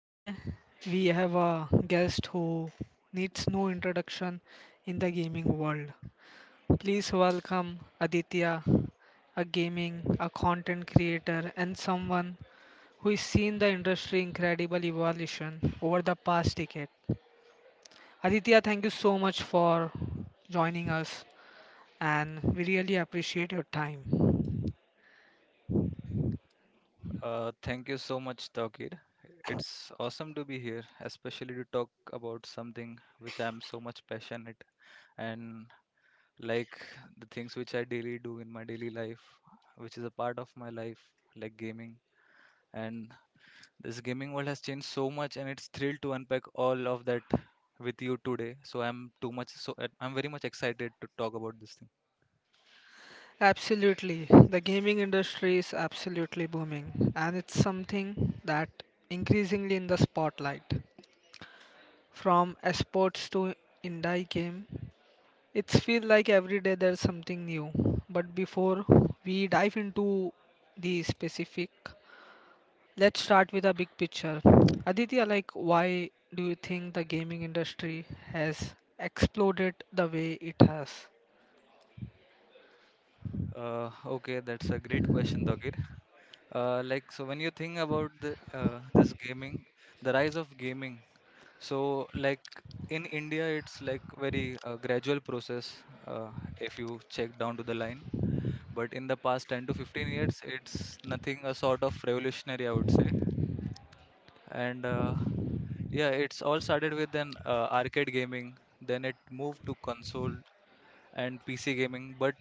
Today we have a guest who needs no introduction in the gaming world. Please welcome Aditya, a content creator and someone who has seen the industry incredible evolution over the past decade. Aditya, thank you so much for joining us and we really appreciate your time. Thank you so much, Tawkir. It's awesome to be here, especially to talk about something which I'm so much passionate and like the things which I daily do in my daily life, which is a part of my life, like gaming. And this gaming world has changed so much, and it's thrilled to unpack all of that with you today. So I'm very much excited to talk about this thing. Absolutely. The gaming industry is absolutely booming, and it's something that increasingly in the spotlight. From esports to indie game, it's feel like every day there's something new. But before we dive into the specific, let's start with a big picture. Aditya, like why do you think the gaming industry has exploded the way it has? Okay, that's a great question, Tawkir. So when you think about this gaming, the rise of gaming, so like in India, it's like very gradual process, uh, if you check down to the line. But in the past 10 to 15 years, it's nothing a sort of revolutionary, I would say. And yeah, it's all started with an arcade gaming, then it moved to console and PC gaming. But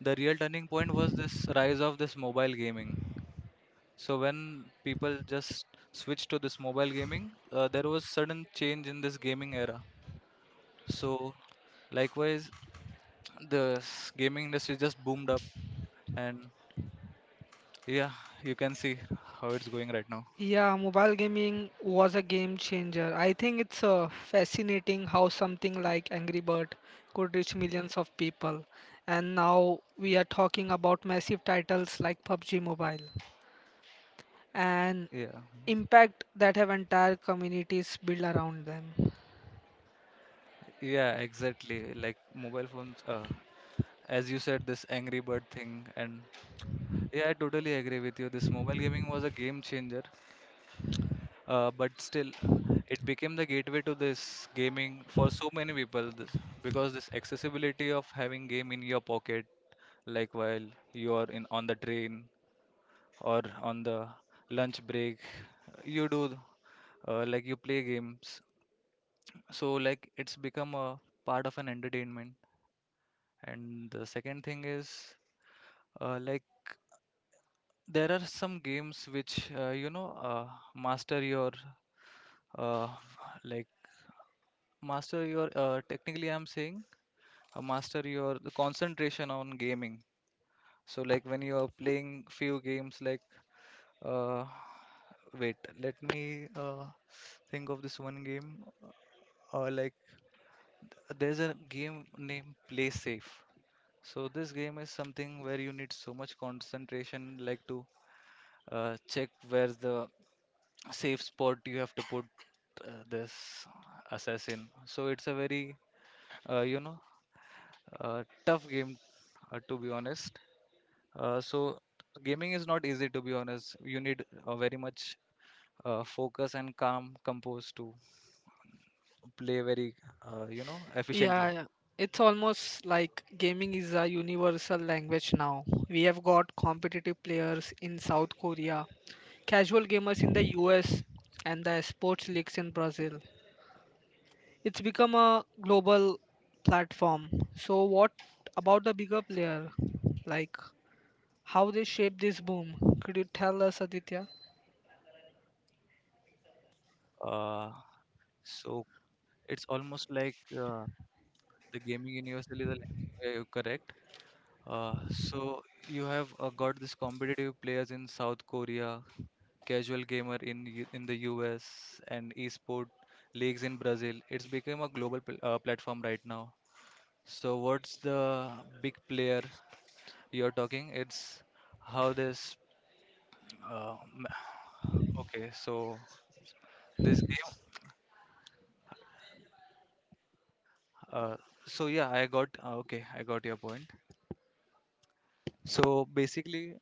the real turning point was this rise of this mobile gaming. So when people just switched to this mobile gaming, there was sudden change in this gaming era. So likewise, the gaming industry just boomed up, and yeah, you can see how it's going right now. Yeah, mobile gaming was a game changer. I think it's fascinating how something like Angry Bird could reach millions of people. And now we are talking about massive titles like PUBG Mobile and Yeah, impact that have entire communities built around them. yeah, exactly. Like mobile phones, as you said, this Angry Bird thing, and yeah, I totally agree with you. This mobile gaming was a game changer, but still, it became the gateway to this gaming for so many people this, because this accessibility of having game in your pocket, like while you are in on the train or on the lunch break, you do you play games, so like it's become a part of an entertainment. And the second thing is, uh, like there are some games which master your uh, like technically I'm saying, master your concentration on gaming. So like when you are playing few games like uh, wait, let me think of this one game. Uh, like there's a game named Play Safe. So this game is something where you need so much concentration, like to check where's the safe spot you have to put this assassin. So it's a very uh, you know tough game, to be honest. So gaming is not easy, to be honest. You need very much focus and calm composed to play very Yeah, efficiently. yeah. It's almost like gaming is a universal language now. We have got competitive players in South Korea, casual gamers in the US, and the sports leagues in Brazil. It's become a global platform. So, what about the bigger player? Like, how they shape this boom? Could you tell us, Aditya? Uh, so it's almost like uh, the gaming universal is a language where you're correct. So you have got these competitive players in South Korea, casual gamer in in the US, and esport leagues in Brazil. It's become a global platform right now. So what's the big player you're talking? It's how this. Uh, m- okay, so this game. Uh, so yeah, I got. Okay, I got your point. So basically,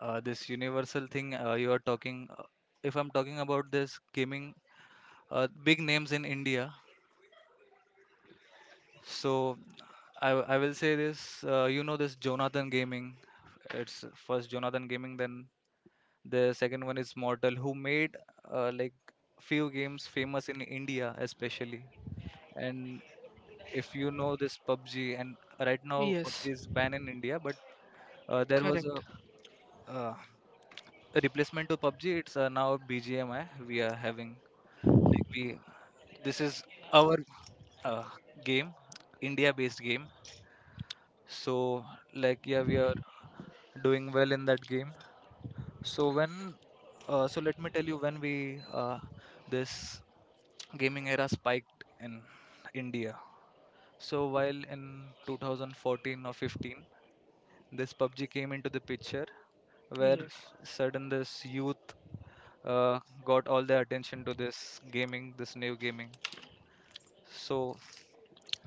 this universal thing you are talking. If I'm talking about this gaming, big names in India. So I will say this, this Jonathan Gaming. It's first Jonathan Gaming, then the second one is Mortal, who made uh, like few games famous in India especially. And if you know this PUBG, and right now Yes, PUBG is banned in India, but there was correct. uh, a replacement to PUBG. It's now BGMI we are having. Like we this is our uh, game, India-based game. So like yeah, we are doing well in that game. So when, so let me tell you when we This gaming era spiked in India. So while in 2014 or 15, this PUBG came into the picture where Yes. sudden this youth uh, got all the attention to this gaming, this new gaming. So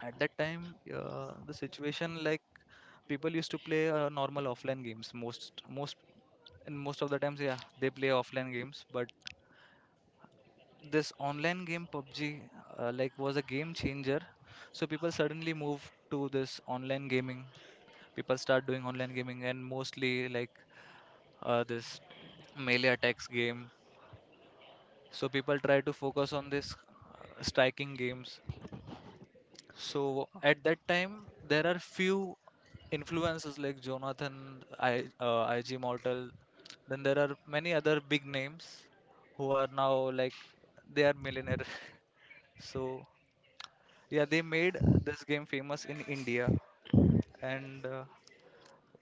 at that time, the situation like people used to play normal offline games. Most and most of the times, yeah, they play offline games, but this online game PUBG was a game changer. So people suddenly move to this online gaming. People start doing online gaming and mostly like this melee attacks game. So people try to focus on this striking games. So at that time there are few influences like Jonathan, IG Mortal. Then there are many other big names who are now like they are millionaire. So yeah they made this game famous in India. And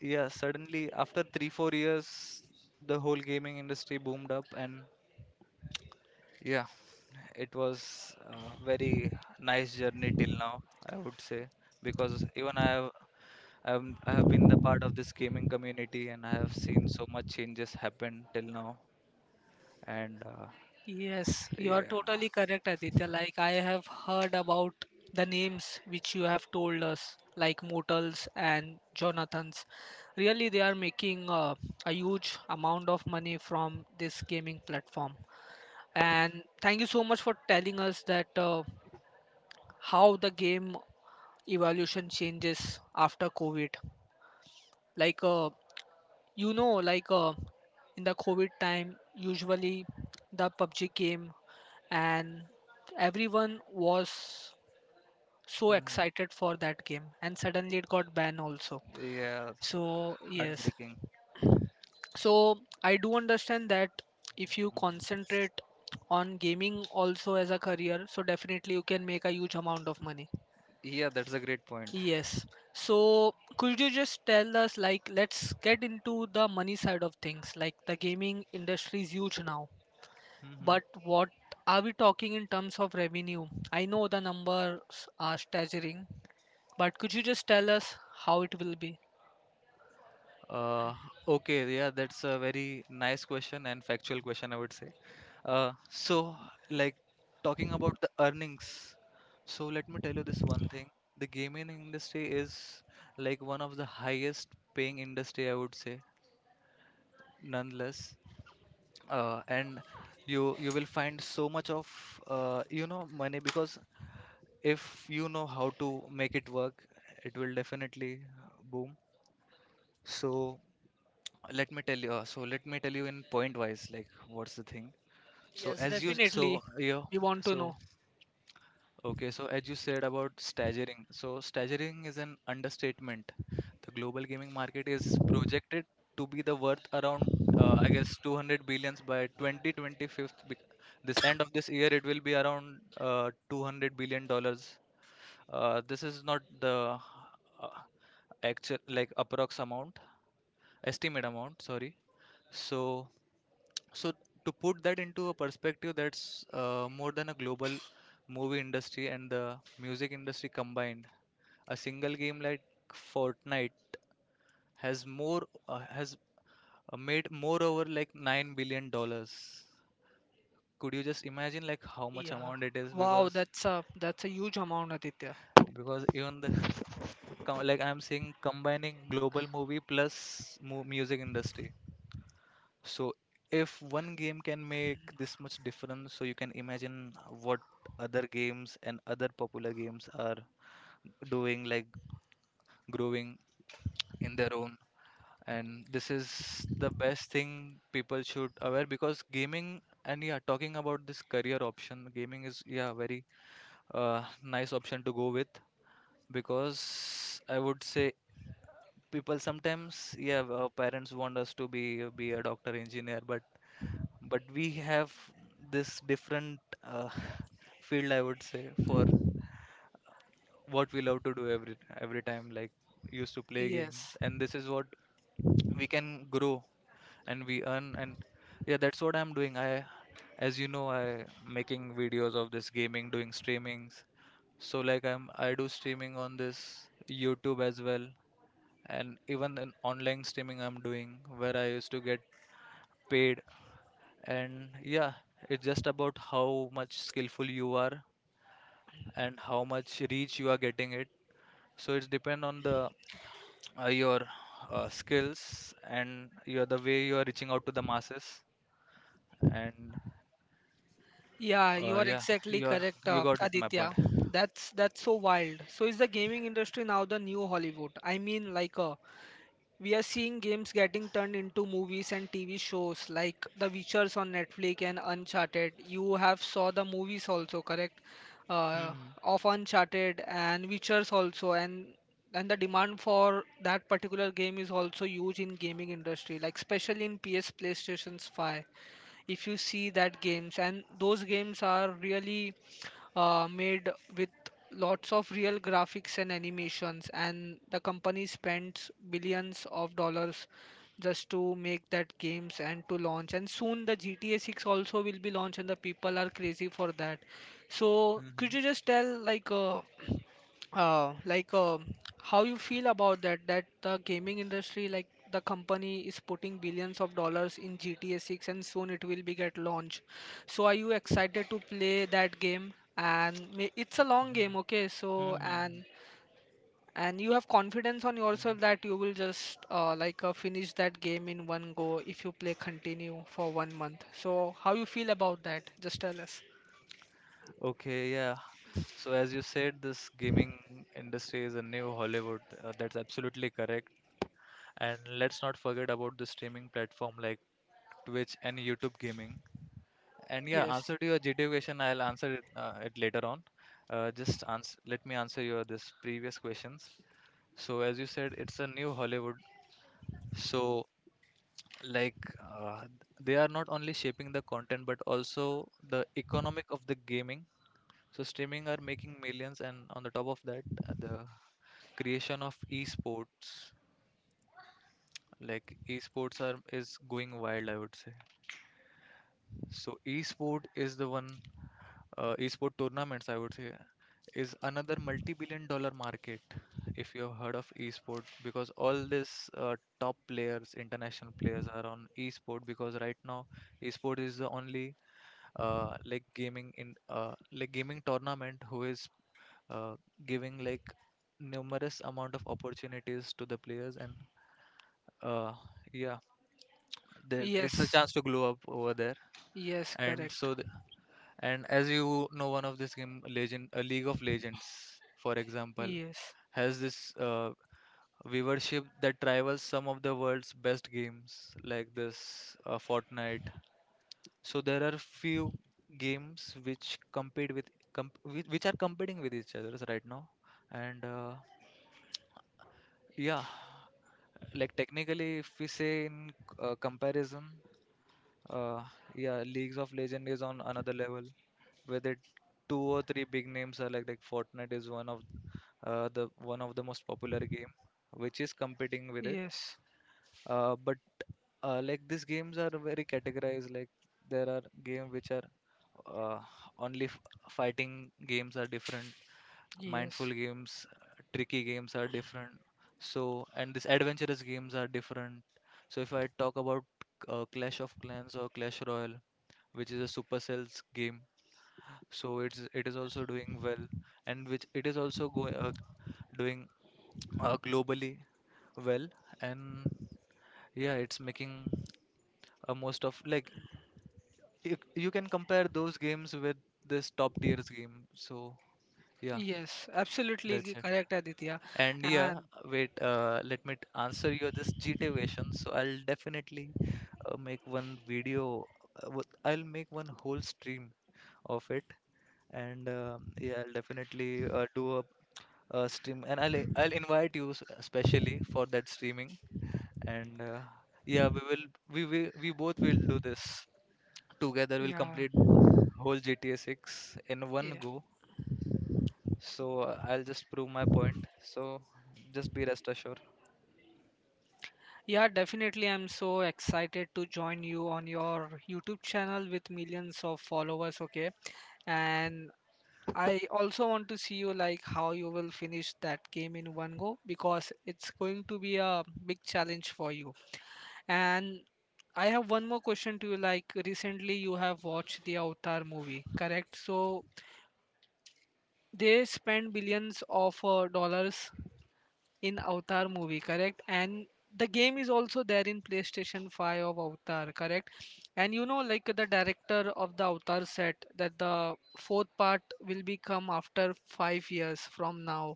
yeah, suddenly after 3 4 years the whole gaming industry boomed up. And yeah, it was a very nice journey till now, I would say, because even I have been the part of this gaming community, and I have seen so much changes happen till now. And Yes, you are yeah. totally correct, Aditya. Like, I have heard about the names which you have told us, like Motels and Jonathans. Really, they are making a huge amount of money from this gaming platform. And thank you so much for telling us that how the game evolution changes after COVID. Like, like in the COVID time, usually the PUBG game and everyone was so Mhm. excited for that game and suddenly it got banned also. Yeah. So yes. Heartbreaking. So I do understand that if you Mhm. concentrate on gaming also as a career, so definitely you can make a huge amount of money. Yeah, that's a great point. Yes. So could you just tell us, like, let's get into the money side of things, like the gaming industry is huge now. Hmm. But what are we talking in terms of revenue? I know the numbers are staggering, but could you just tell us how it will be? Uh, okay, yeah, that's a very nice question and factual question, I would say. Uh, so, like talking about the earnings, so let me tell you this one thing. The gaming industry is like one of the highest paying industry, I would say, nonetheless. And you will find so much of money, because if you know how to make it work, it will definitely boom. So so let me tell you in point wise like what's the thing. so Yes, as you definitely. so yeah We want to so know. okay so as you said about staggering, so staggering is an understatement. The global gaming market is projected to be the worth around, I guess, 200 billions by 2025. This end of this year it will be around $200 billion. This is not the uh, actual, like, approx amount, estimate amount, sorry. so so to put that into a perspective, that's more than a global movie industry and the music industry combined. A single game like Fortnite has more has made more over like $9 billion. Could you just imagine like how much Yeah. amount it is? Wow, Because that's a huge amount, Aditya. Even the like I'm saying, combining global movie plus mu music industry. So if one game can make this much difference, so you can imagine what other games and other popular games are doing, like growing in their own. And this is the best thing people should aware because gaming and, yeah, talking about this career option, gaming is, yeah, very nice option to go with, because I would say people sometimes, yeah, our parents want us to be a doctor engineer, but we have this different field, I would say, for what we love to do every time, like used to play games. Yes. And this is what we can grow, and we earn. And yeah, that's what I'm doing. I as you know i making videos of this gaming, doing streamings. So like I do streaming on this YouTube as well, and even an online streaming I'm doing where I used to get paid. And yeah, it's just about how much skillful you are and how much reach you are getting it. So it's depend on the, your, skills, and your the way you are reaching out to the masses. And Yeah, you are yeah, exactly you are, correct, you got it my point. Aditya. That's so wild. So is the gaming industry now the new Hollywood? I mean, like, we are seeing games getting turned into movies and TV shows like The Witchers on Netflix and Uncharted. You have saw the movies also, correct? Uh, Hmm. of Uncharted and Witchers also, and the demand for that particular game is also huge in gaming industry, like especially in PS PlayStation's 5 if you see that games and those games are really made with lots of real graphics and animations and the company spends billions of dollars just to make that games and to launch and soon the GTA 6 also will be launched and the people are crazy for that. So could Hmm. you just tell, like like how you feel about that that the gaming industry, like the company is putting billions of dollars in GTA 6 and soon it will be get launched. So are you excited to play that game? And may, it's a long game, okay? So Hmm. Hmm. and you have confidence on yourself that you will just like finish that game in one go if you play continue for 1 month. So how you feel about that? Just tell us. Okay, yeah, so as you said, this gaming industry is a new Hollywood, that's absolutely correct. And let's not forget about the streaming platform like Twitch and YouTube gaming. And yeah, Yes. answer to your GTA question, I'll answer it, later on. Just ans Let me answer your this previous questions. So as you said, it's a new Hollywood. So like uh, they are not only shaping the content but also the economic of the gaming. So streaming are making millions, and on the top of that, the creation of esports, like esports are is going wild, I would say. So esport is the one, esport tournaments, I would say, is another multi-billion dollar market, if you have heard of esport, because all these top players, international players, are on esport, because right now esport is the only, like gaming tournament, who is uh, giving like numerous amount of opportunities to the players. And uh, yeah, there, it's a Yes. chance to glow up over there. Yes, And correct. so, and as you know, one of this game, League of Legends, for example, Yes. has this viewership that rivals some of the world's best games, like this Fortnite. So there are few games which compete with comp- whi- which are competing with each other right now. And yeah, like technically, if we say in comparison. Uh, yeah, Leagues of Legend is on another level with it. Two or three big names are, like Fortnite is one of the most popular game, which is competing with it. Yes. But like these games are very categorized. Like there are game which are uh, only fighting games are different. Mindful Yes. games, tricky games are different. So and these adventurous games are different. So if I talk about Clash of Clans or Clash Royale, which is a Supercell's game. So it is also doing well, and which it is also doing globally well. And yeah, it's making a most of like you can compare those games with this top tiers game. So yeah, Yes, absolutely that's it. correct, Aditya. And yeah, And wait, let me answer your this GTA question. So I'll definitely make one video. I'll make one whole stream of it. And yeah, I'll definitely do a stream, and I'll invite you especially for that streaming. And yeah, we will we both will do this together. We'll yeah, complete whole GTA 6 in one yeah, go. So I'll just prove my point, so just be rest assured. yeah, definitely. I'm so excited to join you on your YouTube channel with millions of followers. Okay, and I also want to see you like how you will finish that game in one go because it's going to be a big challenge for you. And I have one more question to you. Like recently, you have watched the Avatar movie, correct? So they spend billions of dollars in Avatar movie, correct? And the game is also there in PlayStation 5 of Avatar, correct? And you know, like the director of the Avatar said that the fourth part will be come after 5 years from now.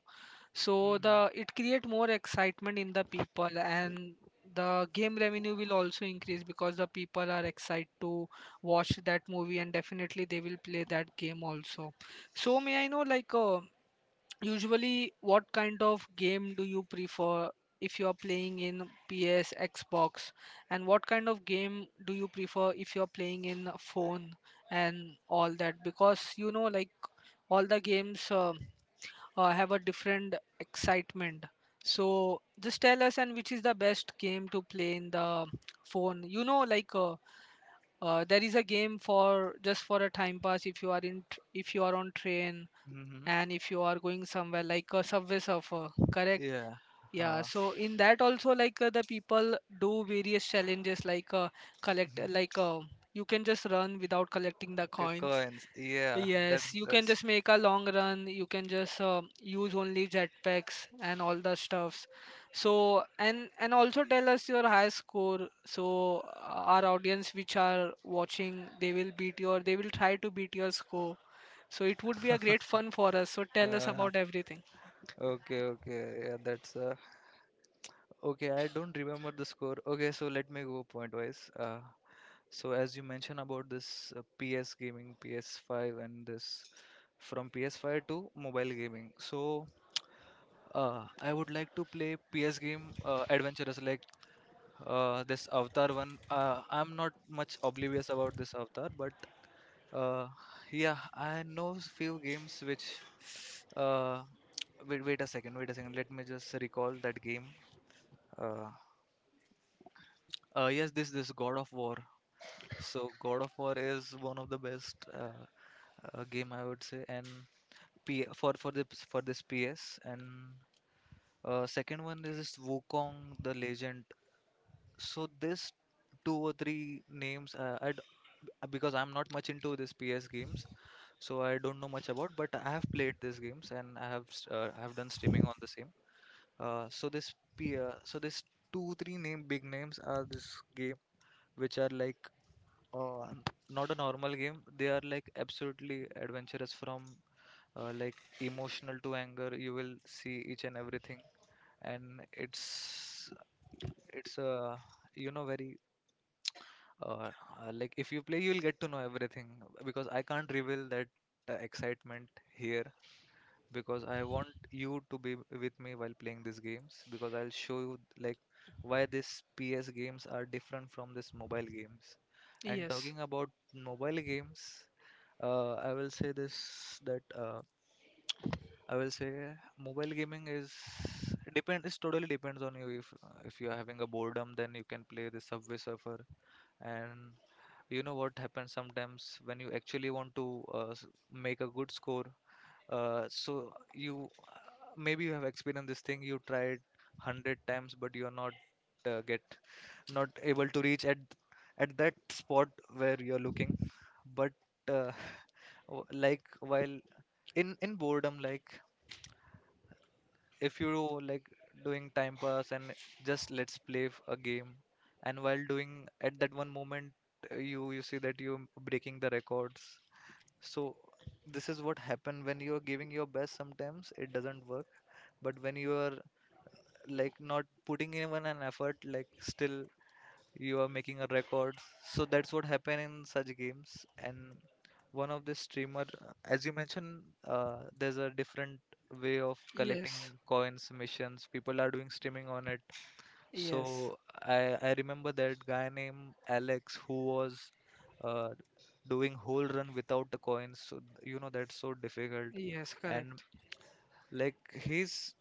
So Mm-hmm. the it create more excitement in the people and the game revenue will also increase because the people are excited to watch that movie and definitely they will play that game also. So may I know, like usually, what kind of game do you prefer if you are playing in PS, Xbox, and what kind of game do you prefer if you are playing in a phone and all that? Because you know, like all the games have a different excitement. So just tell us, and which is the best game to play in the phone? You know, like there is a game for just for a time pass if you are if you are on train Mm-hmm. and if you are going somewhere like a subway surfer, correct? Yeah. Yeah. uh, So in that also, like the people do various challenges, like collect, like you can just run without collecting the coins. coins. Yeah. Yes. You can that's. just make a long run. You can just use only jetpacks and all the stuffs. So and also tell us your high score, so our audience which are watching, they will beat your they will try to beat your score, so it would be a great fun for us. So tell us uh, about everything. Okay, okay. Yeah, that's okay. I don't remember the score. Okay, so let me go point wise. So as you mentioned about this PS gaming, PS5, and this from PS5 to mobile gaming. So I would like to play PS game adventurous like this Avatar one. I'm not much oblivious about this Avatar, but uh, yeah, I know few games which. Uh, Wait, wait a second, wait a second. Let me just recall that game. Uh, yes, this God of War. So God of War is one of the best game, I would say, and P for the for this PS. And second one is this Wukong the Legend. So this two or three names because I'm not much into this PS games, so I don't know much about, but I have played these games and I have I have done streaming on the same. So this two three name big names are this game which are like uh, n- not a normal game. They are like absolutely adventurous from like emotional to anger. You will see each and everything, and it's you know, very like if you play you'll get to know everything, because I can't reveal that excitement here because I want you to be with me while playing these games, because I'll show you like why these PS games are different from these mobile games. And Yes. talking about mobile games, I will say this that I will say mobile gaming is depend is totally depends on you. If if you are having a boredom, then you can play the Subway Surfer. And you know what happens sometimes when you actually want to make a good score. So you, maybe you have experienced this thing. You tried 100 times, but you're uh, get not able to reach at that spot where you're looking. But uh, like while in boredom, like if you like doing time pass and just let's play a game, and while doing at that one moment, you see that you're breaking the records. So this is what happen when you are giving your best, sometimes it doesn't work. But when you are like not putting even an effort, like still you are making a record. So that's what happen in such games. And one of the streamer, as you mentioned, there's a different way of collecting Yes. coins, missions. People are doing streaming on it. Yes. So I remember that guy named Alex, who was uh, doing whole run without the coins. So you know that's so difficult, Yes. and Correct. like he's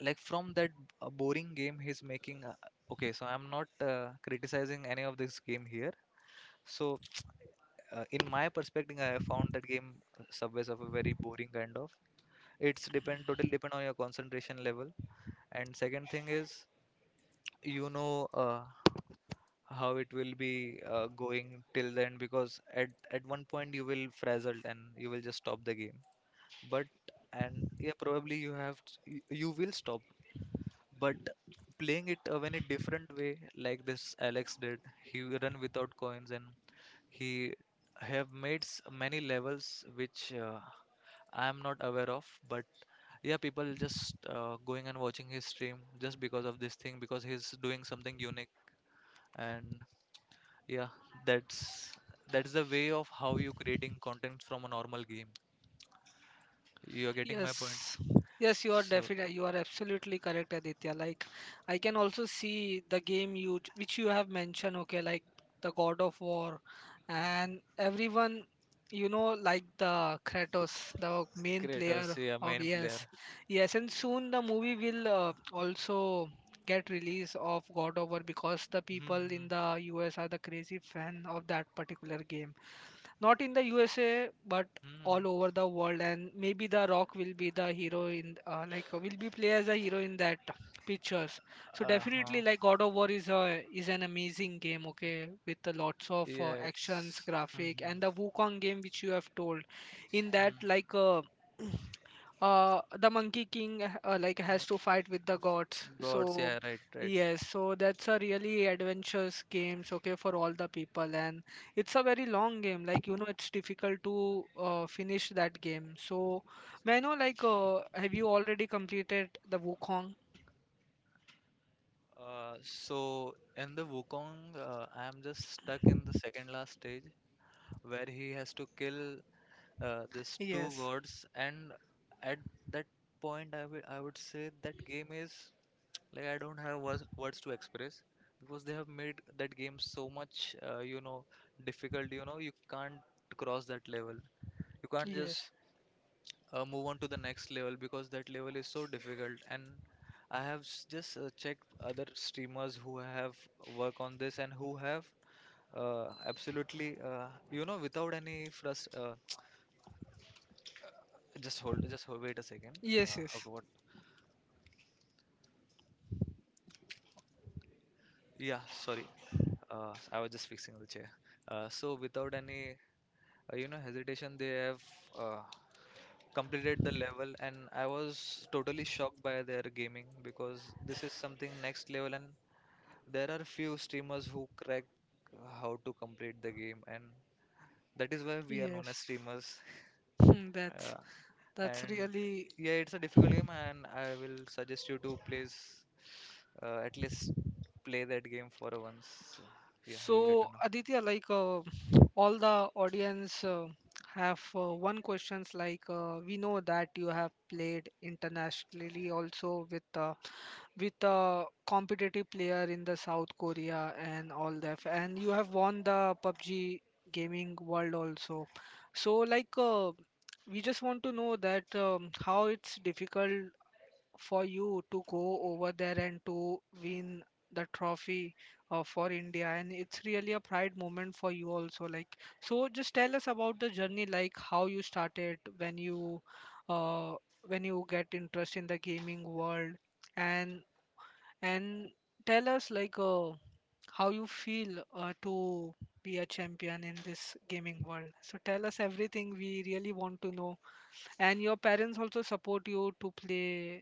like from that boring game he's making. Okay, so I'm not criticizing any of this game here. So, in my perspective, I found that game Subway Surfer very boring kind of. It's depend totally depend on your concentration level. And second thing is, you know, how it will be going till then, because at one point you will frazzled and you will just stop the game. But and yeah, probably you have you will stop, but playing it in a different way like this Alex did. He will run without coins, and he have made many levels which I am not aware of. But yeah, people just going and watching his stream just because of this thing, because he's doing something unique. And yeah, that's that's the way of how you creating content from a normal game. You are getting my point. Yes, yes, So you are absolutely correct, Aditya. Like, I can also see the game you which you have mentioned. Okay, like the God of War, and everyone, like the Kratos, the main creators, player yeah, of. main player. Yes, yes. And soon the movie will also get release of God of War because the people in Mm-hmm. the US are the crazy fan of that particular game, not in the USA, but Hmm. all over the world, and maybe the Rock will be the hero in, like, will be play as a hero in that pictures. So Uh-huh. definitely, like, God of War is a is an amazing game, okay, with the lots of Yeah, actions it's. graphic, Mm-hmm. and the Wukong game which you have told in that, like the monkey king, like, has to fight with the gods. Gods, So yeah, right, right. yes, so that's a really adventurous games, okay, for all the people, and it's a very long game, like it's difficult to finish that game. So may I know, like have you already completed the Wukong? So in the Wukong, I am just stuck in the second last stage where he has to kill these two Yes. gods, and at that point, I would say that game is. Like I don't have words to express, because they have made that game so much, you know, difficult. You know, you can't cross that level. You can't just Yes. Move on to the next level because that level is so difficult. And I have just checked other streamers who have work on this and who have absolutely, you know, without any frust. Just hold, just hold, wait a second. Yes. Okay, Yes. what? Yeah, sorry. I was just fixing the chair. So without any you know, hesitation, they have uh, completed the level, and I was totally shocked by their gaming because this is something next level. And there are few streamers who crack how to complete the game, and that is why we are Yes. known as streamers. Hmm, that's uh, that's and really. yeah, it's a difficult game, and I will suggest you to please at least play that game for once, so yeah, you will get to So, know. Aditya, like all the audience have one questions, like we know that you have played internationally also with a competitive player in the South Korea and all that, and you have won the PUBG gaming world also. So, like we just want to know that how it's difficult for you to go over there and to win the trophy for India, and it's really a pride moment for you also. Like, so just tell us about the journey, like how you started uh, when you get interest in the gaming world, and and tell us, like how you feel to be a champion in this gaming world. So tell us everything we really want to know. And your parents also support you to play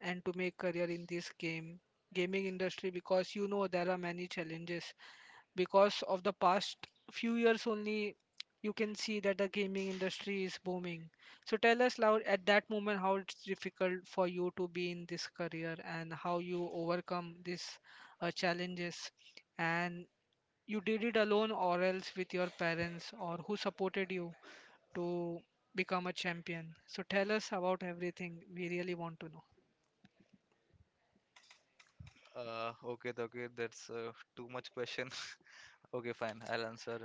and to make career in this game gaming industry because you know there are many challenges because of the past few years only you can see that the gaming industry is booming. So tell us loud at that moment how it's difficult for you to be in this career and how you overcome these challenges, and you did it alone or else with your parents or who supported you to become a champion. So tell us about everything we really want to know. Okay, okay, that's too much question. Okay, fine. I'll answer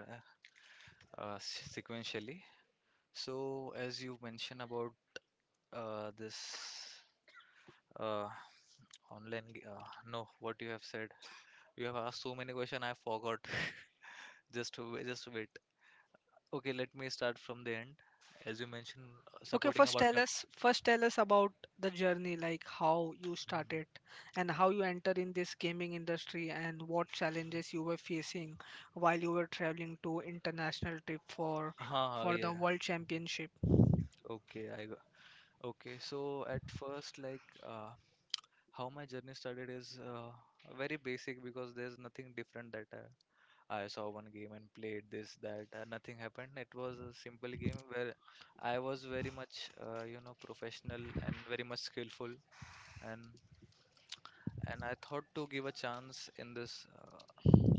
sequentially. So, as you mentioned about this uh, online, g- uh, no, what you have said, you have asked so many questions. I forgot. Just wait. Okay, let me start from the end. As you mentioned, Okay, supporting first about tell my. us first tell us about the journey, like how you Hmm. started and how you entered in this gaming industry, and what challenges you were facing while you were traveling to international trip for Ah, for the yeah. world championship. Okay, I. Okay, so at first, like how my journey started is very basic, because there's nothing different that I saw one game and played this, that, nothing happened. It was a simple game where I was very much, you know, professional and very much skillful, and I thought to give a chance in this.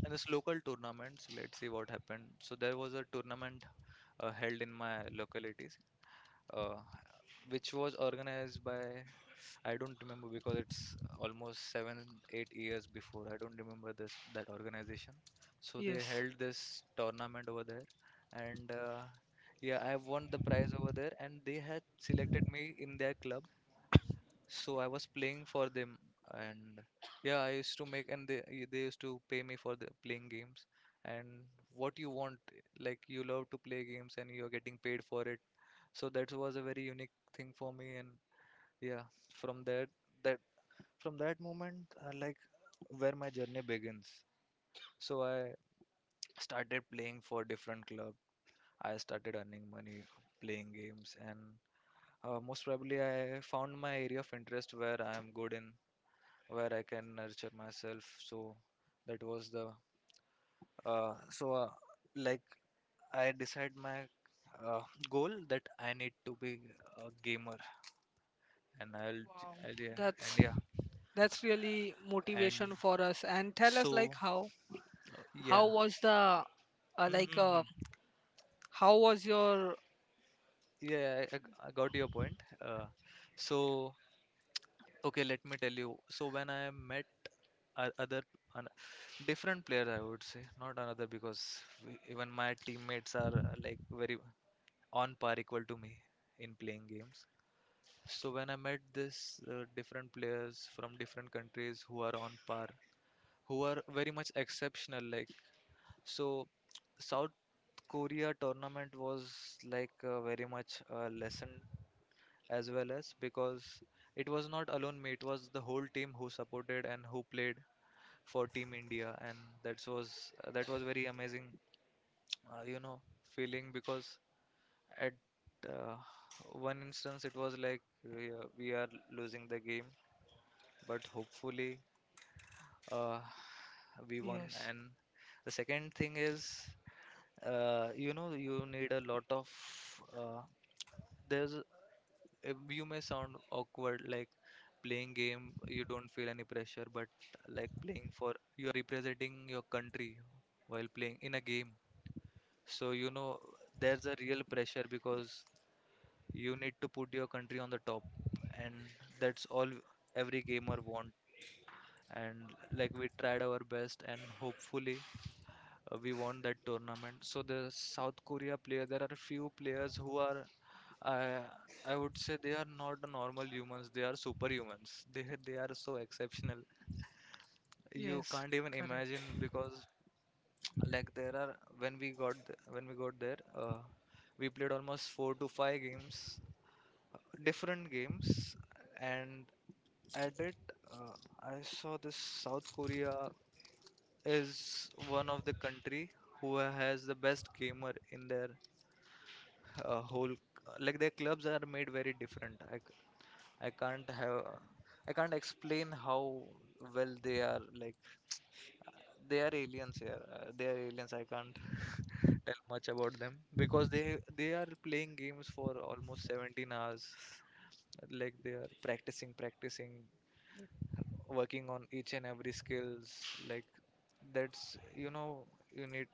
And it's local tournaments. Let's see what happened. So there was a tournament held in my localities, uh, which was organized by I don't remember, because it's almost 7, 8 years before. I don't remember this that organization. So they Yes. held this tournament over there, and yeah, I have won the prize over there, and they had selected me in their club, so I was playing for them. And yeah, I used to make, and they they used to pay me for the playing games. And what you want, like you love to play games, and you're getting paid for it. So that was a very unique thing for me. And yeah, from that that from that moment, like where my journey begins. So I started playing for different club. I started earning money playing games, and most probably I found my area of interest where I am good in, where I can nurture myself. So that was the uh, so uh, like I decide my uh, goal that I need to be a gamer, and I'll yeah. And that's yeah, that's really and motivation for us, and tell us, like so how. How yeah. was the like Mm-hmm. how was your. Yeah, I I got your point. So okay, let me tell you. So when I met o- other an, different players, I would say not another, because we, even my teammates are like very on par, equal to me in playing games. So when I met this different players from different countries who are on par, who are very much exceptional, like so South Korea tournament was like very much a lesson as well as, because it was not alone me, it was the whole team who supported and who played for Team India. And that was very amazing, you know, feeling, because at uh, one instance, it was like we are losing the game, but hopefully uh, we won. Yes, And the second thing is, you know, you need a lot of. Uh, there's you may sound awkward, like playing game you don't feel any pressure, but like playing for you are representing your country while playing in a game, so you know there's a real pressure because you need to put your country on the top, and that's all every gamer want. And like we tried our best, and hopefully we won that tournament. So the South Korea player, there are few players who are, I I would say they are not the normal humans. They are superhumans. They are so exceptional. You yes, can't even correct. imagine because like there are when we got there, we played almost four to five games, different games, and at it uh, I saw this South Korea is one of the country who has the best gamer in their whole, like their clubs are made very different. I can't have I can't explain how well they are. Like they are aliens here, they are aliens. I can't tell much about them because they are playing games for almost 17 hours. Like they are practicing, working on each and every skills. Like that's, you know, you need,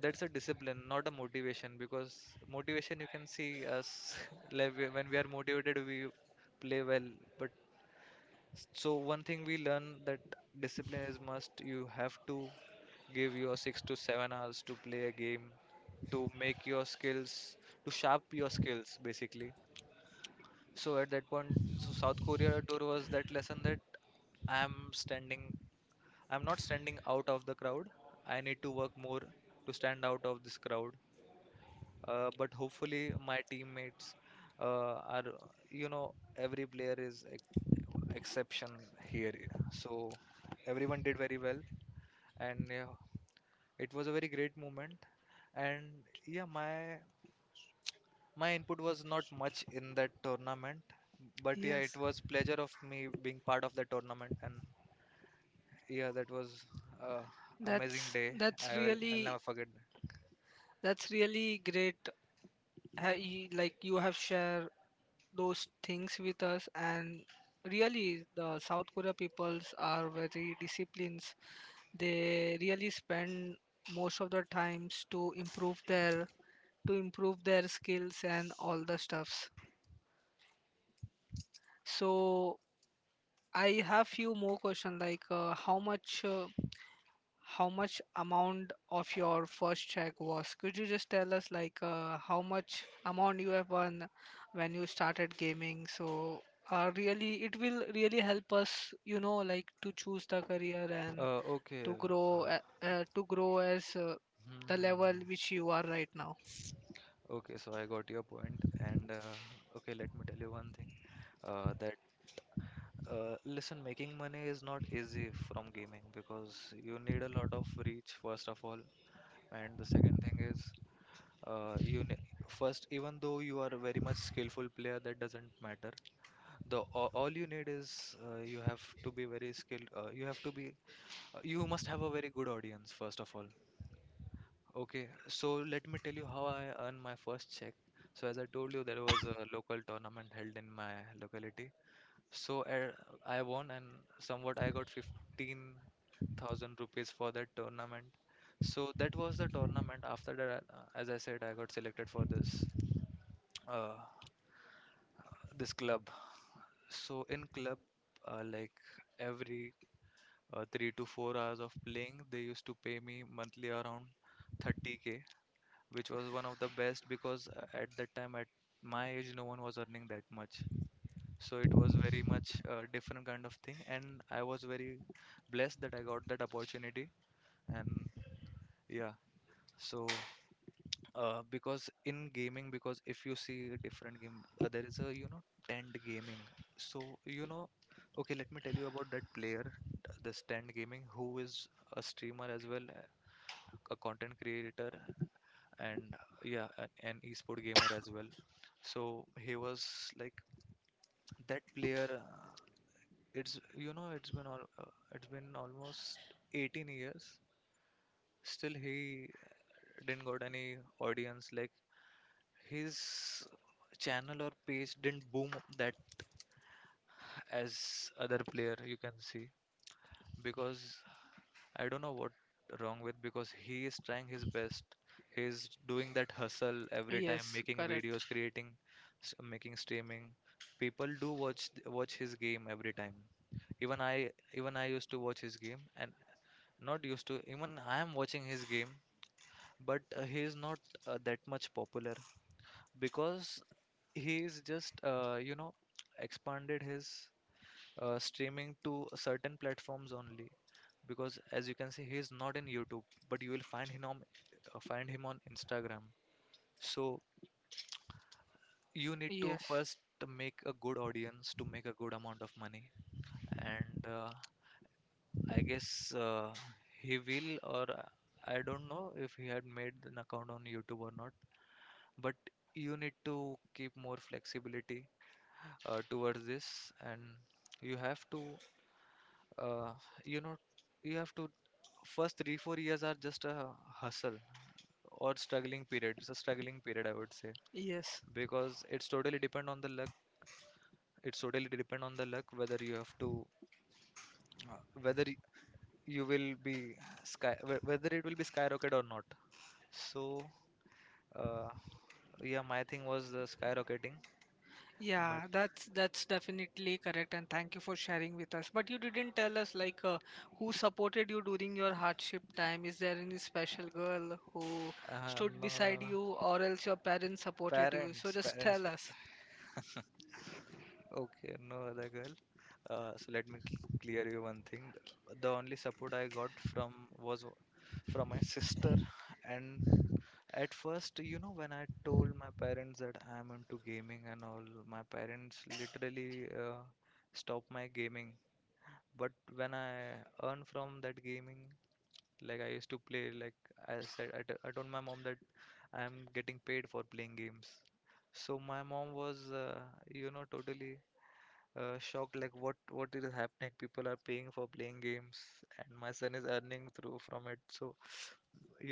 that's a discipline, not a motivation, because motivation you can see us like when we are motivated we play well. But so one thing we learn, that discipline is must. You have to give your 6 to 7 hours to play a game, to make your skills, to sharp your skills basically. So at that point, so South Korea tour was that lesson, that i am standing I'm not standing out of the crowd. I need to work more to stand out of this crowd. But hopefully, my teammates are, you know, every player is exception here. So everyone did very well, and yeah, it was a very great moment. And yeah, my input was not much in that tournament, but yeah, it Yes, was pleasure of me being part of the tournament, and yeah, that was. Uh, Amazing that's day. that's I will. I'll never really forget. that's really great. You, like you have shared those things with us, and really the South Korea peoples are very disciplined. They really spend most of the times to improve their skills and all the stuffs. So I have few more questions, like how much amount of your first check was? Could you just tell us, like how much amount you have won when you started gaming? Really it will really help us, you know, like to choose the career and Okay. To grow as Hmm, the level hmm, which you are right now. hmm. Okay, so I got your point, and okay, let me tell you one thing, that listen, making money is not easy from gaming because you need a lot of reach first of all, and the second thing is you ne first, even though you are a very much skillful player, that doesn't matter. The all you need is you have to be very skilled. You have to be you must have a very good audience first of all. Okay, so let me tell you how I earned my first check. So as I told you, there was a local tournament held in my locality. So I won, and somewhat I got 15,000 rupees for that tournament. So that was the tournament. After that, as I said, I got selected for uh, this club. So in club, like every 3 to 4 hours of playing, they used to pay me monthly around 30K, which was one of the best because at that time at my age no one was earning that much. So it was very much a different kind of thing, and I was very blessed that I got that opportunity. And yeah, so because in gaming, because if you see a different game, there is a, you know, tent gaming. So you know, okay, let me tell you about that player. This tent gaming, who is a streamer as well, a content creator, and yeah, an esport gamer as well. So he was like that player. It's, you know, it's been almost 18 years. Still, he didn't got any audience. Like his channel or page didn't boom that as other player you can see, because I don't know what wrong with, because he is trying his best. He's doing that hustle every time, Yes, making correct. videos, creating, making streaming. People do watch his game every time. Even I used to watch his game, and not used to, even I am watching his game, but he is not that much popular, because he is just, you know, expanded his streaming to certain platforms only, because as you can see he is not in YouTube, but you will find him on Instagram. So you need to Yes. first make a good audience to make a good amount of money. And I guess he will, or I don't know if he had made an account on YouTube or not. But you need to keep more flexibility towards this, and you have to uh, you know you have to first, 3 4 years are just a hustle, or struggling period. I would say. Yes. Because it's totally depend on the luck, whether you have to, uh, whether y- you will be whether it will be skyrocket or not. So uh, yeah, my thing was the skyrocketing. But Yeah, that's definitely correct, and thank you for sharing with us. But you didn't tell us like, who supported you during your hardship time. Is there any special girl who stood no, no, beside no, you, or else your parents supported you? So parents, just parents. tell us. Okay, no other girl. So let me clear you one thing. The only support I got from was from my sister. And at first, you know, when I told my parents that I'm into gaming and all, my parents literally stopped my gaming. But when I earn from that gaming, like I used to play, like I said, I told my mom that I'm getting paid for playing games. So my mom was, you know, totally shocked, like what is happening, people are paying for playing games and my son is earning through from it. So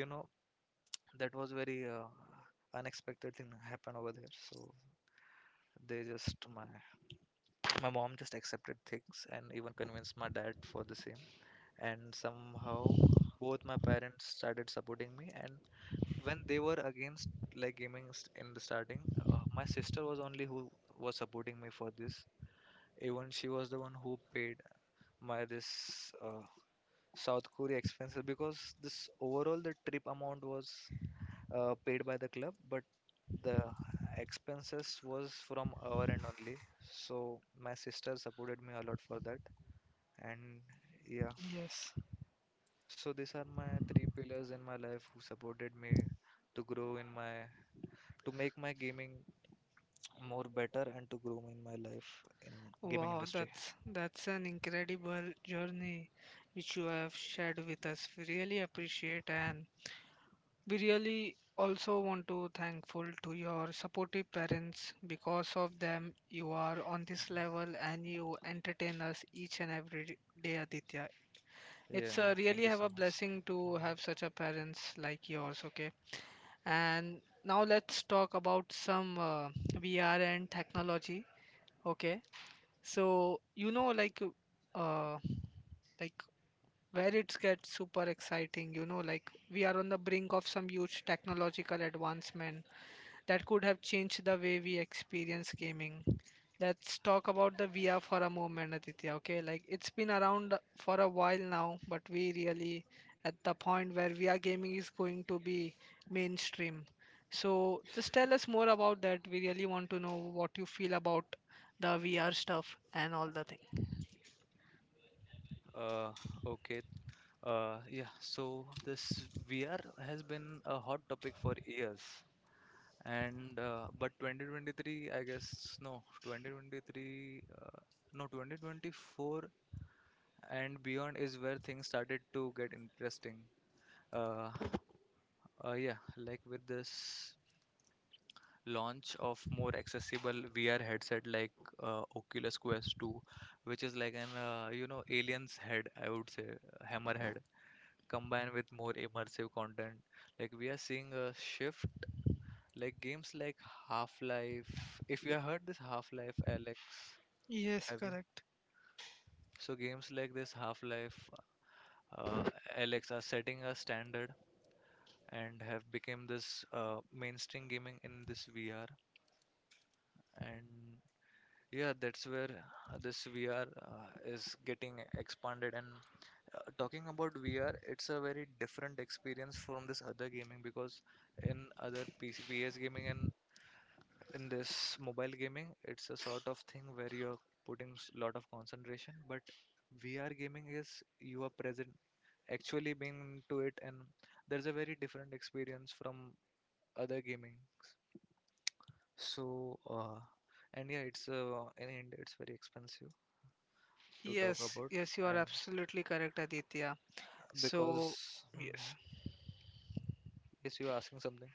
you know, that was very unexpected thing happened over there. So they just my my mom just accepted things and even convinced my dad for the same. And somehow both my parents started supporting me. And when they were against, like gaming in the starting, my sister was only who was supporting me for this. Even she was the one who paid my this South Korea expenses, because this overall the trip amount was paid by the club, but the expenses was from our end only. So my sister supported me a lot for that, and yeah. Yes. So these are my three pillars in my life who supported me to grow in my, to make my gaming more better, and to grow in my life in gaming Wow, industry. that's an incredible journey which you have shared with us. We really appreciate, and we really also want to thankful to your supportive parents, because of them you are on this level and you entertain us each and every day, Aditya. Yeah, It's a thank really you have so a much. blessing to have such a parents like yours, okay. And now let's talk about some VR and technology, okay. So you know, uh, like where it gets super exciting, you know, like we are on the brink of some huge technological advancement that could have changed the way we experience gaming. Let's talk about the VR for a moment, Aditya, okay, like it's been around for a while now, but we really at the point where VR gaming is going to be mainstream. So just tell us more about that. We really want to know what you feel about the VR stuff and all the things. Mhm. Okay. Yeah, so this VR has been a hot topic for years. And but 2023, I guess, no, 2023, no, 2024 and beyond is where things started to get interesting. Uh, yeah, like with this launch of more accessible VR headset like Oculus Quest 2, which is like an, you know, alien's head, I would say, hammerhead, combined with more immersive content. Like we are seeing a shift. Like games like Half-Life. If you have heard this Half-Life, Alex, Yes, have you? correct. So games like this Half-Life, uh, Alex, are setting a standard and have become this mainstream gaming in this VR. And yeah, that's where this VR is getting expanded. And talking about VR, it's a very different experience from this other gaming because in other PC, PS gaming and in this mobile gaming, it's a sort of thing where you're putting lot of concentration. But VR gaming is you are present, actually being into it, and there's a very different experience from other gaming. So, and yeah, it's in India, it's very expensive to talk Yes, about, yes, you are and absolutely correct, Aditya. So, because yes, mhm. Yes, you're asking something.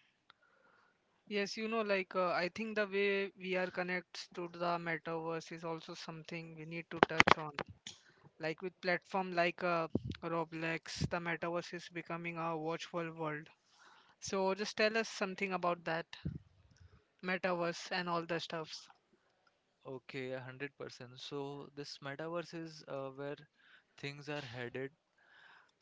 yes, you know, like, I think the way we are connects to the metaverse is also something we need to touch on. Like with platform like Roblox, the metaverse is becoming a watchful world. So, just tell us something about that metaverse and all the stuffs. Okay, 100%. So this metaverse is where things are headed.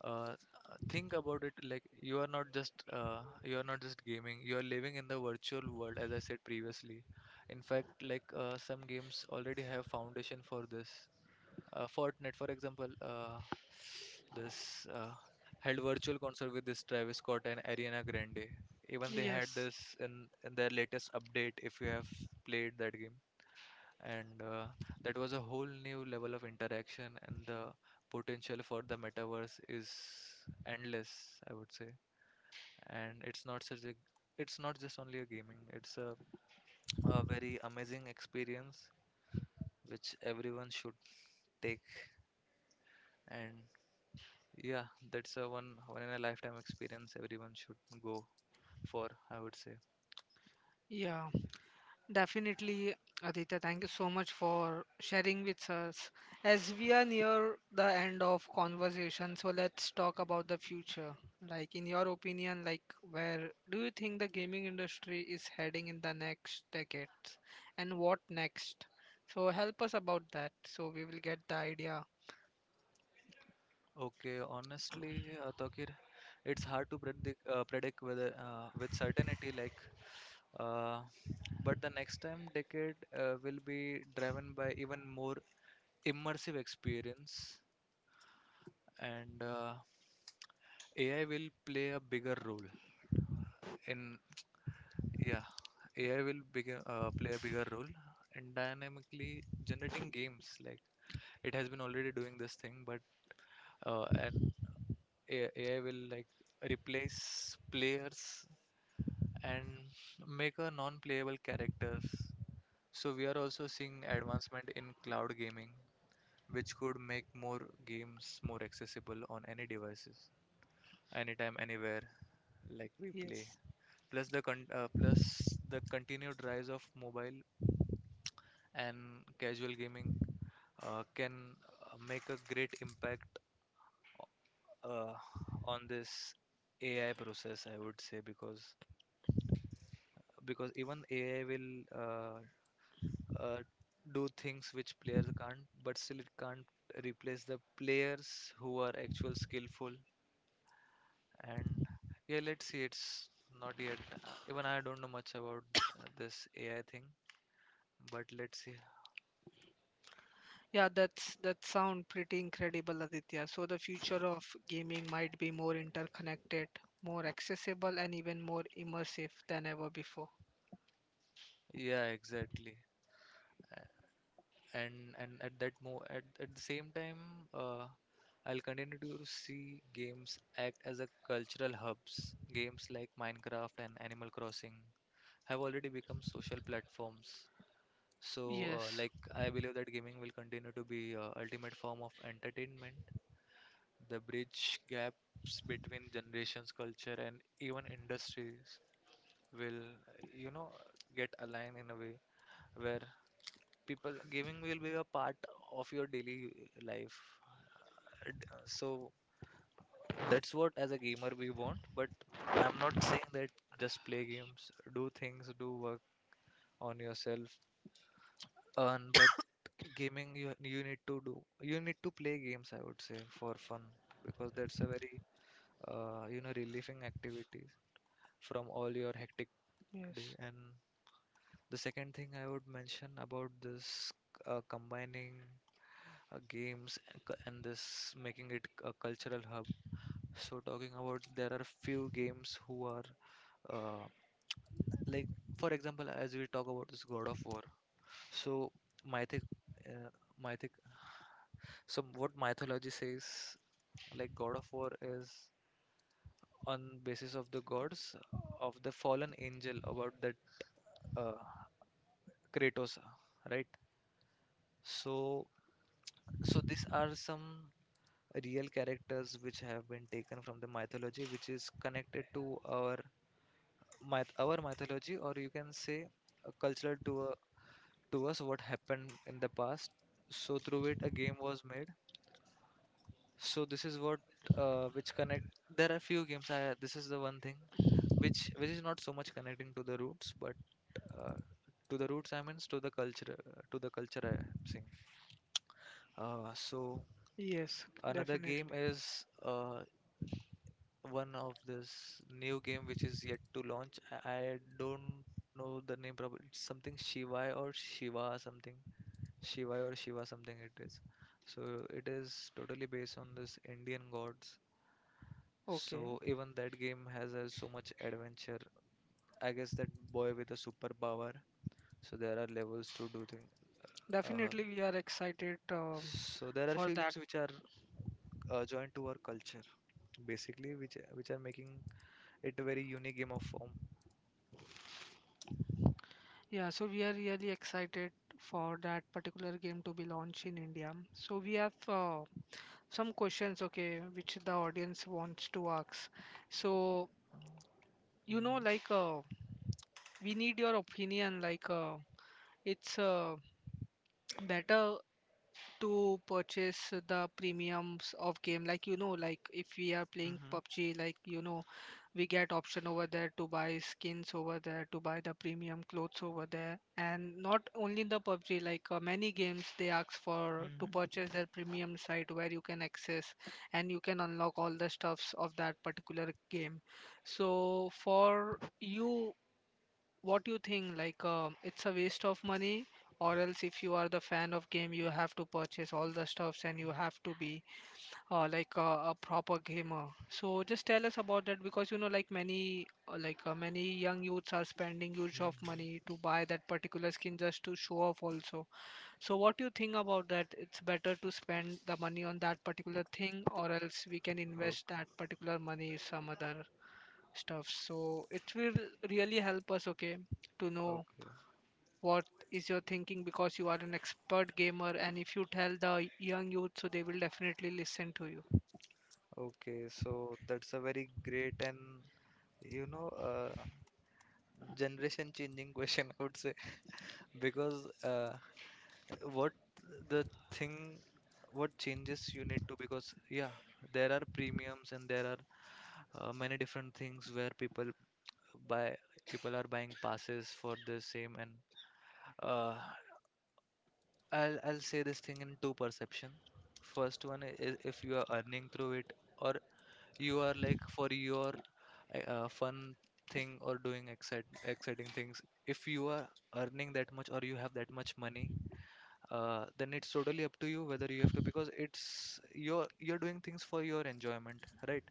Think about it, like you are not just gaming. You are living in the virtual world, as I said previously. In fact, like some games already have foundation for this. Fortnite, for example, this held virtual concert with this Travis Scott and Ariana Grande. Even they had Yes, this in their latest update. If you have played that game and that was a whole new level of interaction, and the potential for the metaverse is endless, I would say. And it's not such a, it's not just only a gaming, it's a very amazing experience which everyone should take. And yeah, that's a one in a lifetime experience everyone should go for, I would say. yeah. Definitely, Aditya, thank you so much for sharing with us. As we are near the end of conversation, so let's talk about the future. Like in your opinion, like where do you think the gaming industry is heading in the next decades, and what next? So help us about that so we will get the idea. Okay, honestly, Tokir, it's hard to predict predict whether with certainty, like uh, but the next time decade will be driven by even more immersive experience. And AI will play a bigger role in, yeah, AI will bigger, play a bigger role in dynamically generating games, like it has been already doing this thing, but uh, and AI will, like, replace players and make a non-playable characters. So we are also seeing advancement in cloud gaming, which could make more games more accessible on any devices, anytime, anywhere, like we play. Yes. Plus the continued rise of mobile and casual gaming can make a great impact uh, on this AI process, I would say, because even AI will uh, do things which players can't, but still it can't replace the players who are actual skillful. And yeah, let's see. It's not yet. Even I don't know much about this AI thing, but let's see. Yeah, that's that sound pretty incredible, Aditya. So the future of gaming might be more interconnected, more accessible, and even more immersive than ever before. Yeah, exactly. A- and at that mo at the same time, uh, I'll continue to see games act as a cultural hubs. Games like Minecraft and Animal Crossing have already become social platforms. So, Yes, like, I believe that gaming will continue to be ultimate form of entertainment, the bridge gaps between generations, culture, and even industries will, you know, get aligned in a way where people gaming will be a part of your daily life. And, so that's what as a gamer we want, but I'm not saying that just play games, do things, do work on yourself, earn, but gaming, you need to do, you need to play games, I would say, for fun, because that's a very relieving activities from all your hectic day. yes, And the second thing I would mention about this, combining games and cu- and this, making it a cultural hub. So, talking about, there are few games who are uh, like, for example, as we talk about this God of War. So mythic, uh, mythic. So what mythology says, like God of War is on basis of the gods of the fallen angel about that, uh, Kratos, right? So, so these are some real characters which have been taken from the mythology, which is connected to our myth, our mythology, or you can say cultural to us, what happened in the past. So through it, a game was made, so this is what which connect. There are few games, I, this is the one thing which is not so much connecting to the roots, but uh, to the roots I means, to the culture, to the culture I am saying. So yes, another game definitely. is one of this new game which is yet to launch. I don't know the name, probably it's something Shivai or Shiva something. Shiva or Shiva something it is. So it is totally based on this Indian gods. Okay, So even that game has so much adventure. I guess that boy with a superpower. So there are levels to do things. Uh, definitely we are excited, so there are for few games that. which are joined to our culture basically, which are making it a very unique game of form. Yeah, so we are really excited for that particular game to be launched in India. So we have, some questions, okay, which the audience wants to ask. So you know, like. We need your opinion like, it's better to purchase the premiums of game, like you know, like if we are playing Hmm. PUBG, like you know, we get option over there to buy skins over there, to buy the premium clothes over there, and not only in the PUBG, like, many games they ask for to Hmm. purchase their premium site where you can access and you can unlock all the stuffs of that particular game. So for you, what do you think, like, um, it's a waste of money, or else if you are the fan of game you have to purchase all the stuffs and you have to be, a proper gamer. So just tell us about that, because you know, like many many young youths are spending huge of money Hmm. to buy that particular skin just to show off also. So what do you think about that? It's better to spend the money on that particular thing, or else we can invest Okay, that particular money some other stuff, so it will really help us, okay, to know okay, what is your thinking, because you are an expert gamer and if you tell the young youth so they will definitely listen to you. okay. So that's a very great and, you know, generation changing question, I would say, because what, the thing, what changes you need to, because yeah, there are premiums and there are many different things where people buy, people are buying passes for the same. And uh, I'll say this thing in two perception. First one is, if you are earning through it, or you are like for your fun thing, or doing exciting things, if you are earning that much or you have that much money, then it's totally up to you whether you have to, because it's, you're doing things for your enjoyment, right?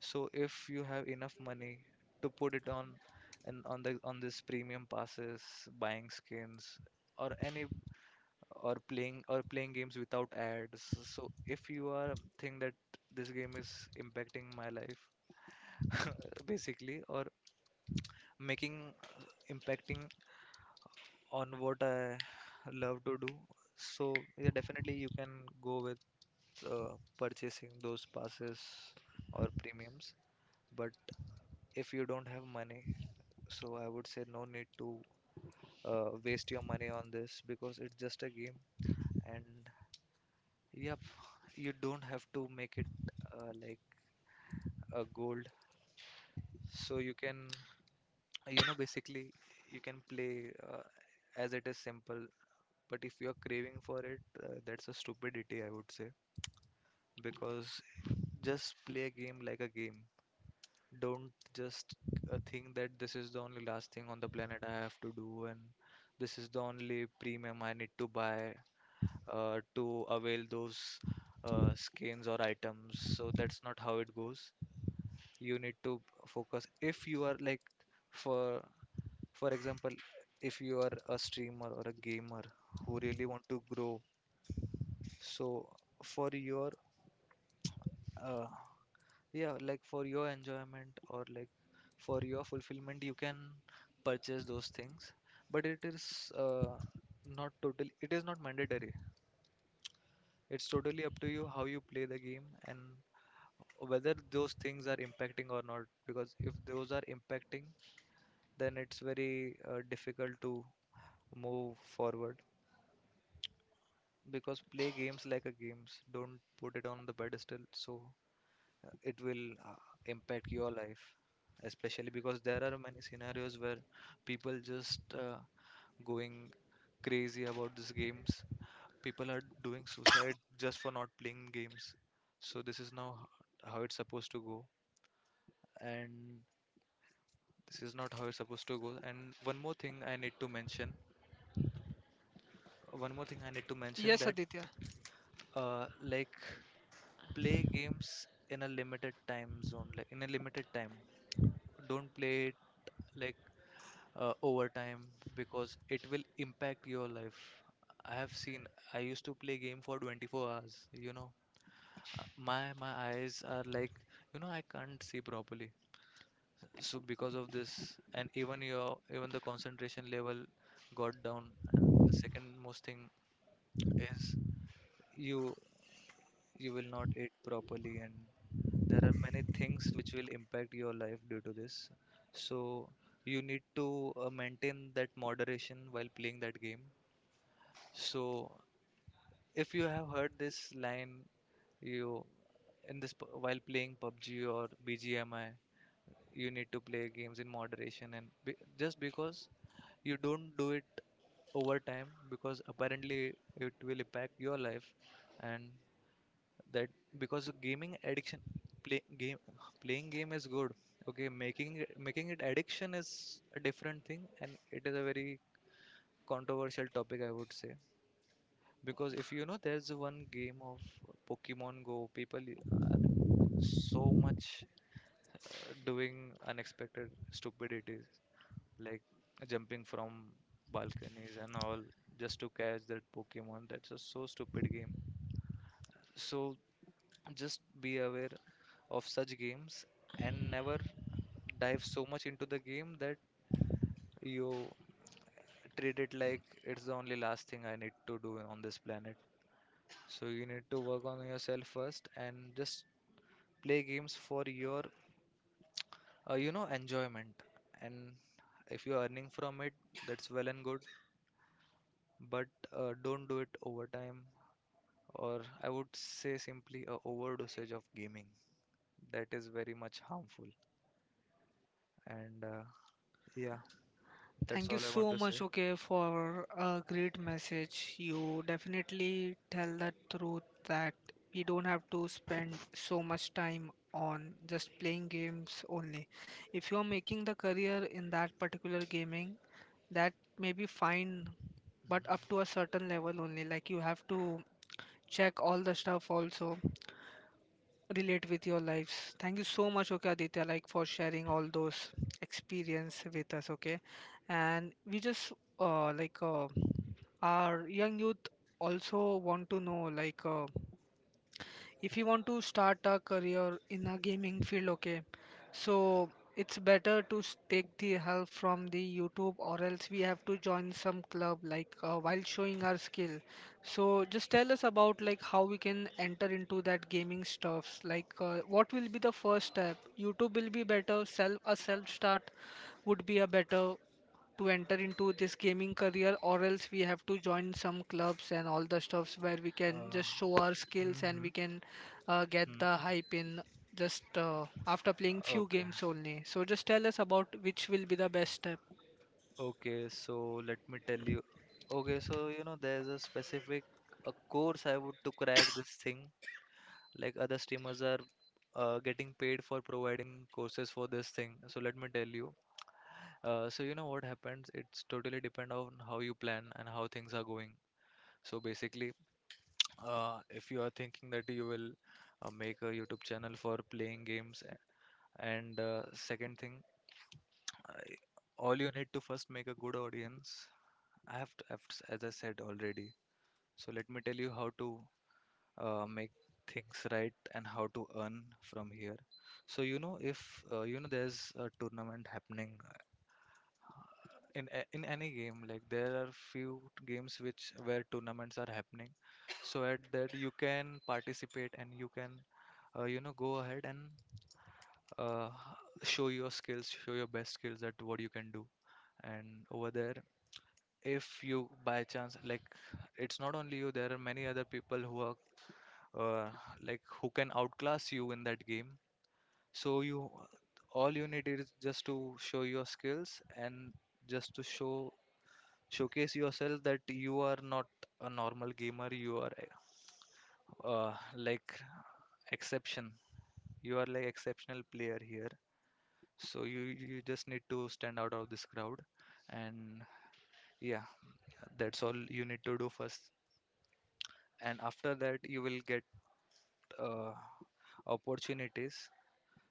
So if you have enough money to put it on, and on the on this premium passes, buying skins, or any, or playing games without ads. So if you are think that this game is impacting my life, basically, or making impacting on what I love to do, so yeah, definitely you can go with purchasing those passes or premiums. But if you don't have money, so I would say no need to waste your money on this, because it's just a game, and yep, you don't have to make it like a gold. So you can, you know, basically you can play as it is simple. But if you're craving for it, that's a stupidity, I would say. Because just play a game like a game. Don't just think that this is the only last thing on the planet I have to do, and this is the only premium I need to buy to avail those skins or items. So that's not how it goes. You need to focus. If you are like, for for example, if you are a streamer or a gamer who really want to grow, so for your uh, yeah, like for your enjoyment, or like for your fulfillment, you can purchase those things. But it is not totally, it is not mandatory. It's totally up to you how you play the game and whether those things are impacting or not. Because if those are impacting, then it's very difficult to move forward. Because play games like a games. Don't put it on the pedestal. So it will impact your life, especially because there are many scenarios where people just going crazy about these games, people are doing suicide just for not playing games. So this is now, how it's supposed to go, and this is not how it's supposed to go. And one more thing I need to mention, Yes, that Aditya. Like, play games in a limited time zone, like in a limited time. Don't play it like over time, because it will impact your life. I have seen. I used to play game for 24 hours. You know, my eyes are, like, you know, I can't see properly. So because of this, and even your, even the concentration level got down. And the second most thing is, you you will not eat properly, and there are many things which will impact your life due to this. So you need to maintain that moderation while playing that game. So if you have heard this line, you, in while playing PUBG or BGMI, you need to play games in moderation and be, just because, you don't do it over time, because apparently it will impact your life. And that, because gaming addiction, play, game playing game is good. Okay, making it addiction is a different thing, and it is a very controversial topic, I would say. Because, if you know, there's one game of Pokemon Go, people are so much doing unexpected stupidities like jumping from balconies and all, just to catch that Pokemon. That's a so stupid game. So just be aware of such games, and never dive so much into the game that you treat it like it's the only last thing I need to do on this planet. So you need to work on yourself first, and just play games for your enjoyment. And if you're earning from it, that's well and good, but don't do it overtime, or I would say simply a overdosage of gaming. That is very much harmful. And yeah, that's Thank you all I so want to say. much, okay, for a great message. You definitely tell the truth that we don't have to spend so much time on just playing games only. If you are making the career in that particular gaming, that may be fine, but up to a Mhm. certain level only. Like you have to check all the stuff also, relate with your lives. Thank you so much, okay, Aditya, like for sharing all those experience with us, okay. And we just uh, like uh, our young youth also want to know, like, if you want to start a career in a gaming field, okay, so it's better to take the help from the YouTube, or else we have to join some club, like while showing our skill. So just tell us about like how we can enter into that gaming stuffs, like, what will be the first step. YouTube will be better, self a self start would be a better to enter into this gaming career, or else we have to join some clubs and all the stuffs where we can uh, just show our skills and we Mhm, can get mhm. the hype in just after playing few Okay, games only. So just tell us about which will be the best step. okay. So let me tell you. Okay, so you know, there's a specific a course I would to crack this thing. Like other streamers are getting paid for providing courses for this thing. So let me tell you. So you know what happens? It's totally depend on how you plan and how things are going. So basically, if you are thinking that you will make a YouTube channel for playing games, and second thing, I- all you need to first make a good audience. I have to, I've s- As I said already, so let me tell you how to make things right and how to earn from here. So you know, if there's a tournament happening, uh, in any game. Like, there are few games which where tournaments are happening, so at that you can participate and you can go ahead and uh, show your skills, show your best skills at what you can do. And over there, if you by chance, like, it's not only you, there are many other people who are, uh, like, who can outclass you in that game. So you all you need is just to show your skills and just to showcase yourself, that you are not a normal gamer, you are, like, exception exceptional player here. So you just need to stand out of this crowd. And, yeah, that's all you need to do first. And after that you will get uh, opportunities.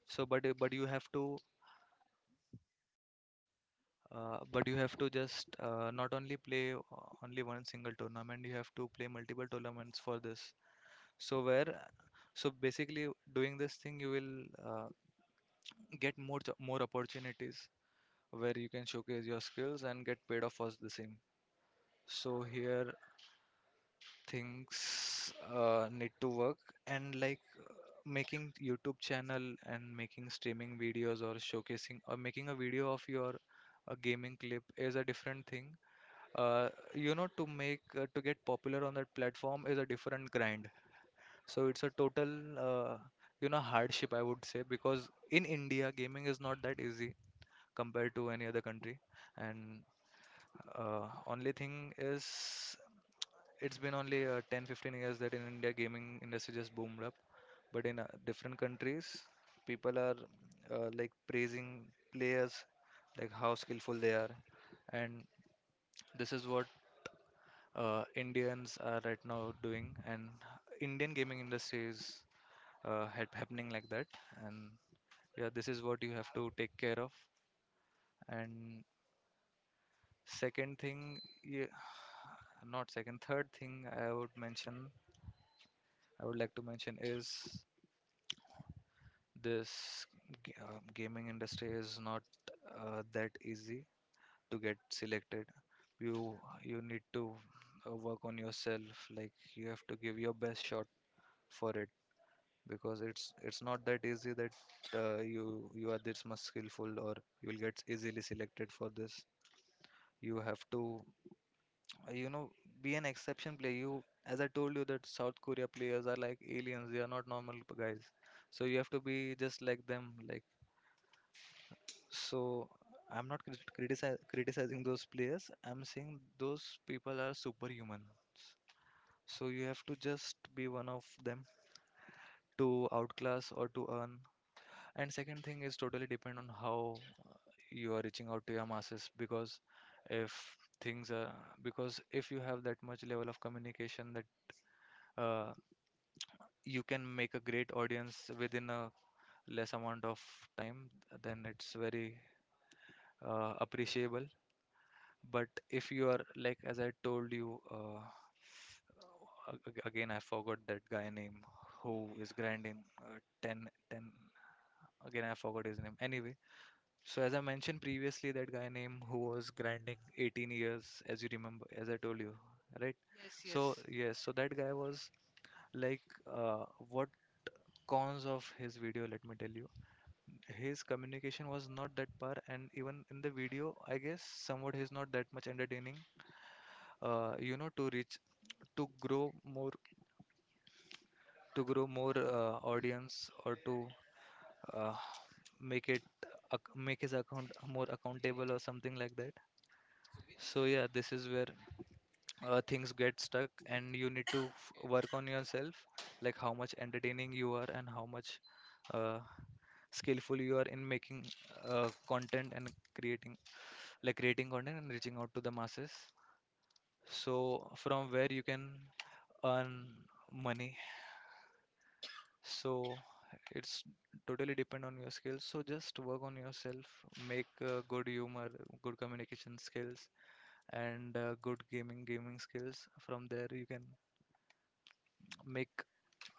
So but you have to just not only play only one single tournament, you have to play multiple tournaments for this. So, where so basically doing this thing, you will uh, get more opportunities where you can showcase your skills and get paid off for the same. So here, things need to work. And, like, making YouTube channel and making streaming videos or showcasing or making a video of your gaming clip is a different thing. To get popular on that platform is a different grind. So it's a total uh, hardship, I would say, because in India gaming is not that easy compared to any other country. And, only thing is, it's been only 10 15 years that in India gaming industry just boomed up. But in different countries, people are, like, praising players, like how skillful they are. And this is what Indians are right now doing. And Indian gaming industry is happening like that. And, yeah, this is what you have to take care of. And second thing, yeah, not second, third thing I would mention, I would like to mention is, this gaming industry is not that easy to get selected. You you need to work on yourself. Like, you have to give your best shot for it. Because it's not that easy that you are this much skillful, or you'll get easily selected for this. You have to, uh, you know, be an exception player. You, as I told you, that South Korea players are like aliens. They are not normal guys. So you have to be just like them. Like, so, I'm not criticizing those players. I'm saying those people are superhuman. So you have to just be one of them to outclass or to earn. And second thing is totally depend on how you are reaching out to your masses. Because if things are because if you have that much level of communication that uh, you can make a great audience within a less amount of time, then it's very appreciable. But if you are, like, as I told you, a- again, I forgot that guy name who is grinding 10, 10, again, I forgot his name. Anyway, so as I mentioned previously, that guy name who was grinding 18 years, as you remember, as I told you, right? Yes, So yes. yes, so that guy was like, uh, what cons of his video, let me tell you. His communication was not that par, and even in the video, I guess somewhat he's not that much entertaining. You know to reach to grow more To grow more, audience, or to uh, make it ac- make his account more accountable or something like that. So, yeah, this is where things get stuck, and you need to work on yourself, like how much entertaining you are and how much uh, skillful you are in making content and creating, content, and reaching out to the masses. So from where you can earn money. So it's totally depend on your skills, so just work on yourself, make good humor, good communication skills, and good gaming skills. From there you can make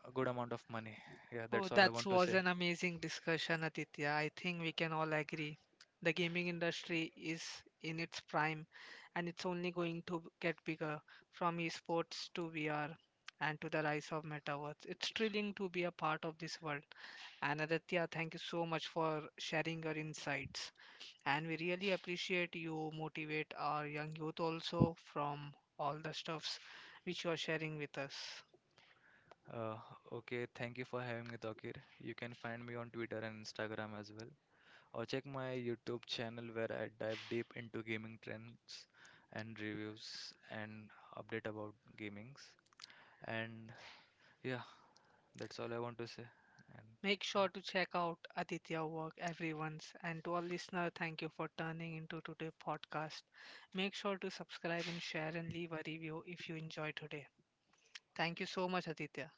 a good amount of money. Yeah, Oh, that's all I that want to was say. an amazing discussion, Aditya. I think we can all agree. The gaming industry is in its prime, and it's only going to get bigger. From esports to VR and to the rise of metaverse, it's thrilling to be a part of this world. And Aditya, thank you so much for sharing your insights, and we really appreciate you motivate our young youth also from all the stuffs which you are sharing with us. Uh, okay, thank you for having me, Takir. You can find me on Twitter and Instagram as well. Or check my YouTube channel, where I dive deep into gaming trends and reviews and update about gamings. And, yeah, that's all I want to say. And, Make sure to yeah. check out Aditya work, everyone's, and to our listener, thank you for turning into today's podcast. Make sure to subscribe and share and leave a review if you enjoy today. Thank you so much, Aditya.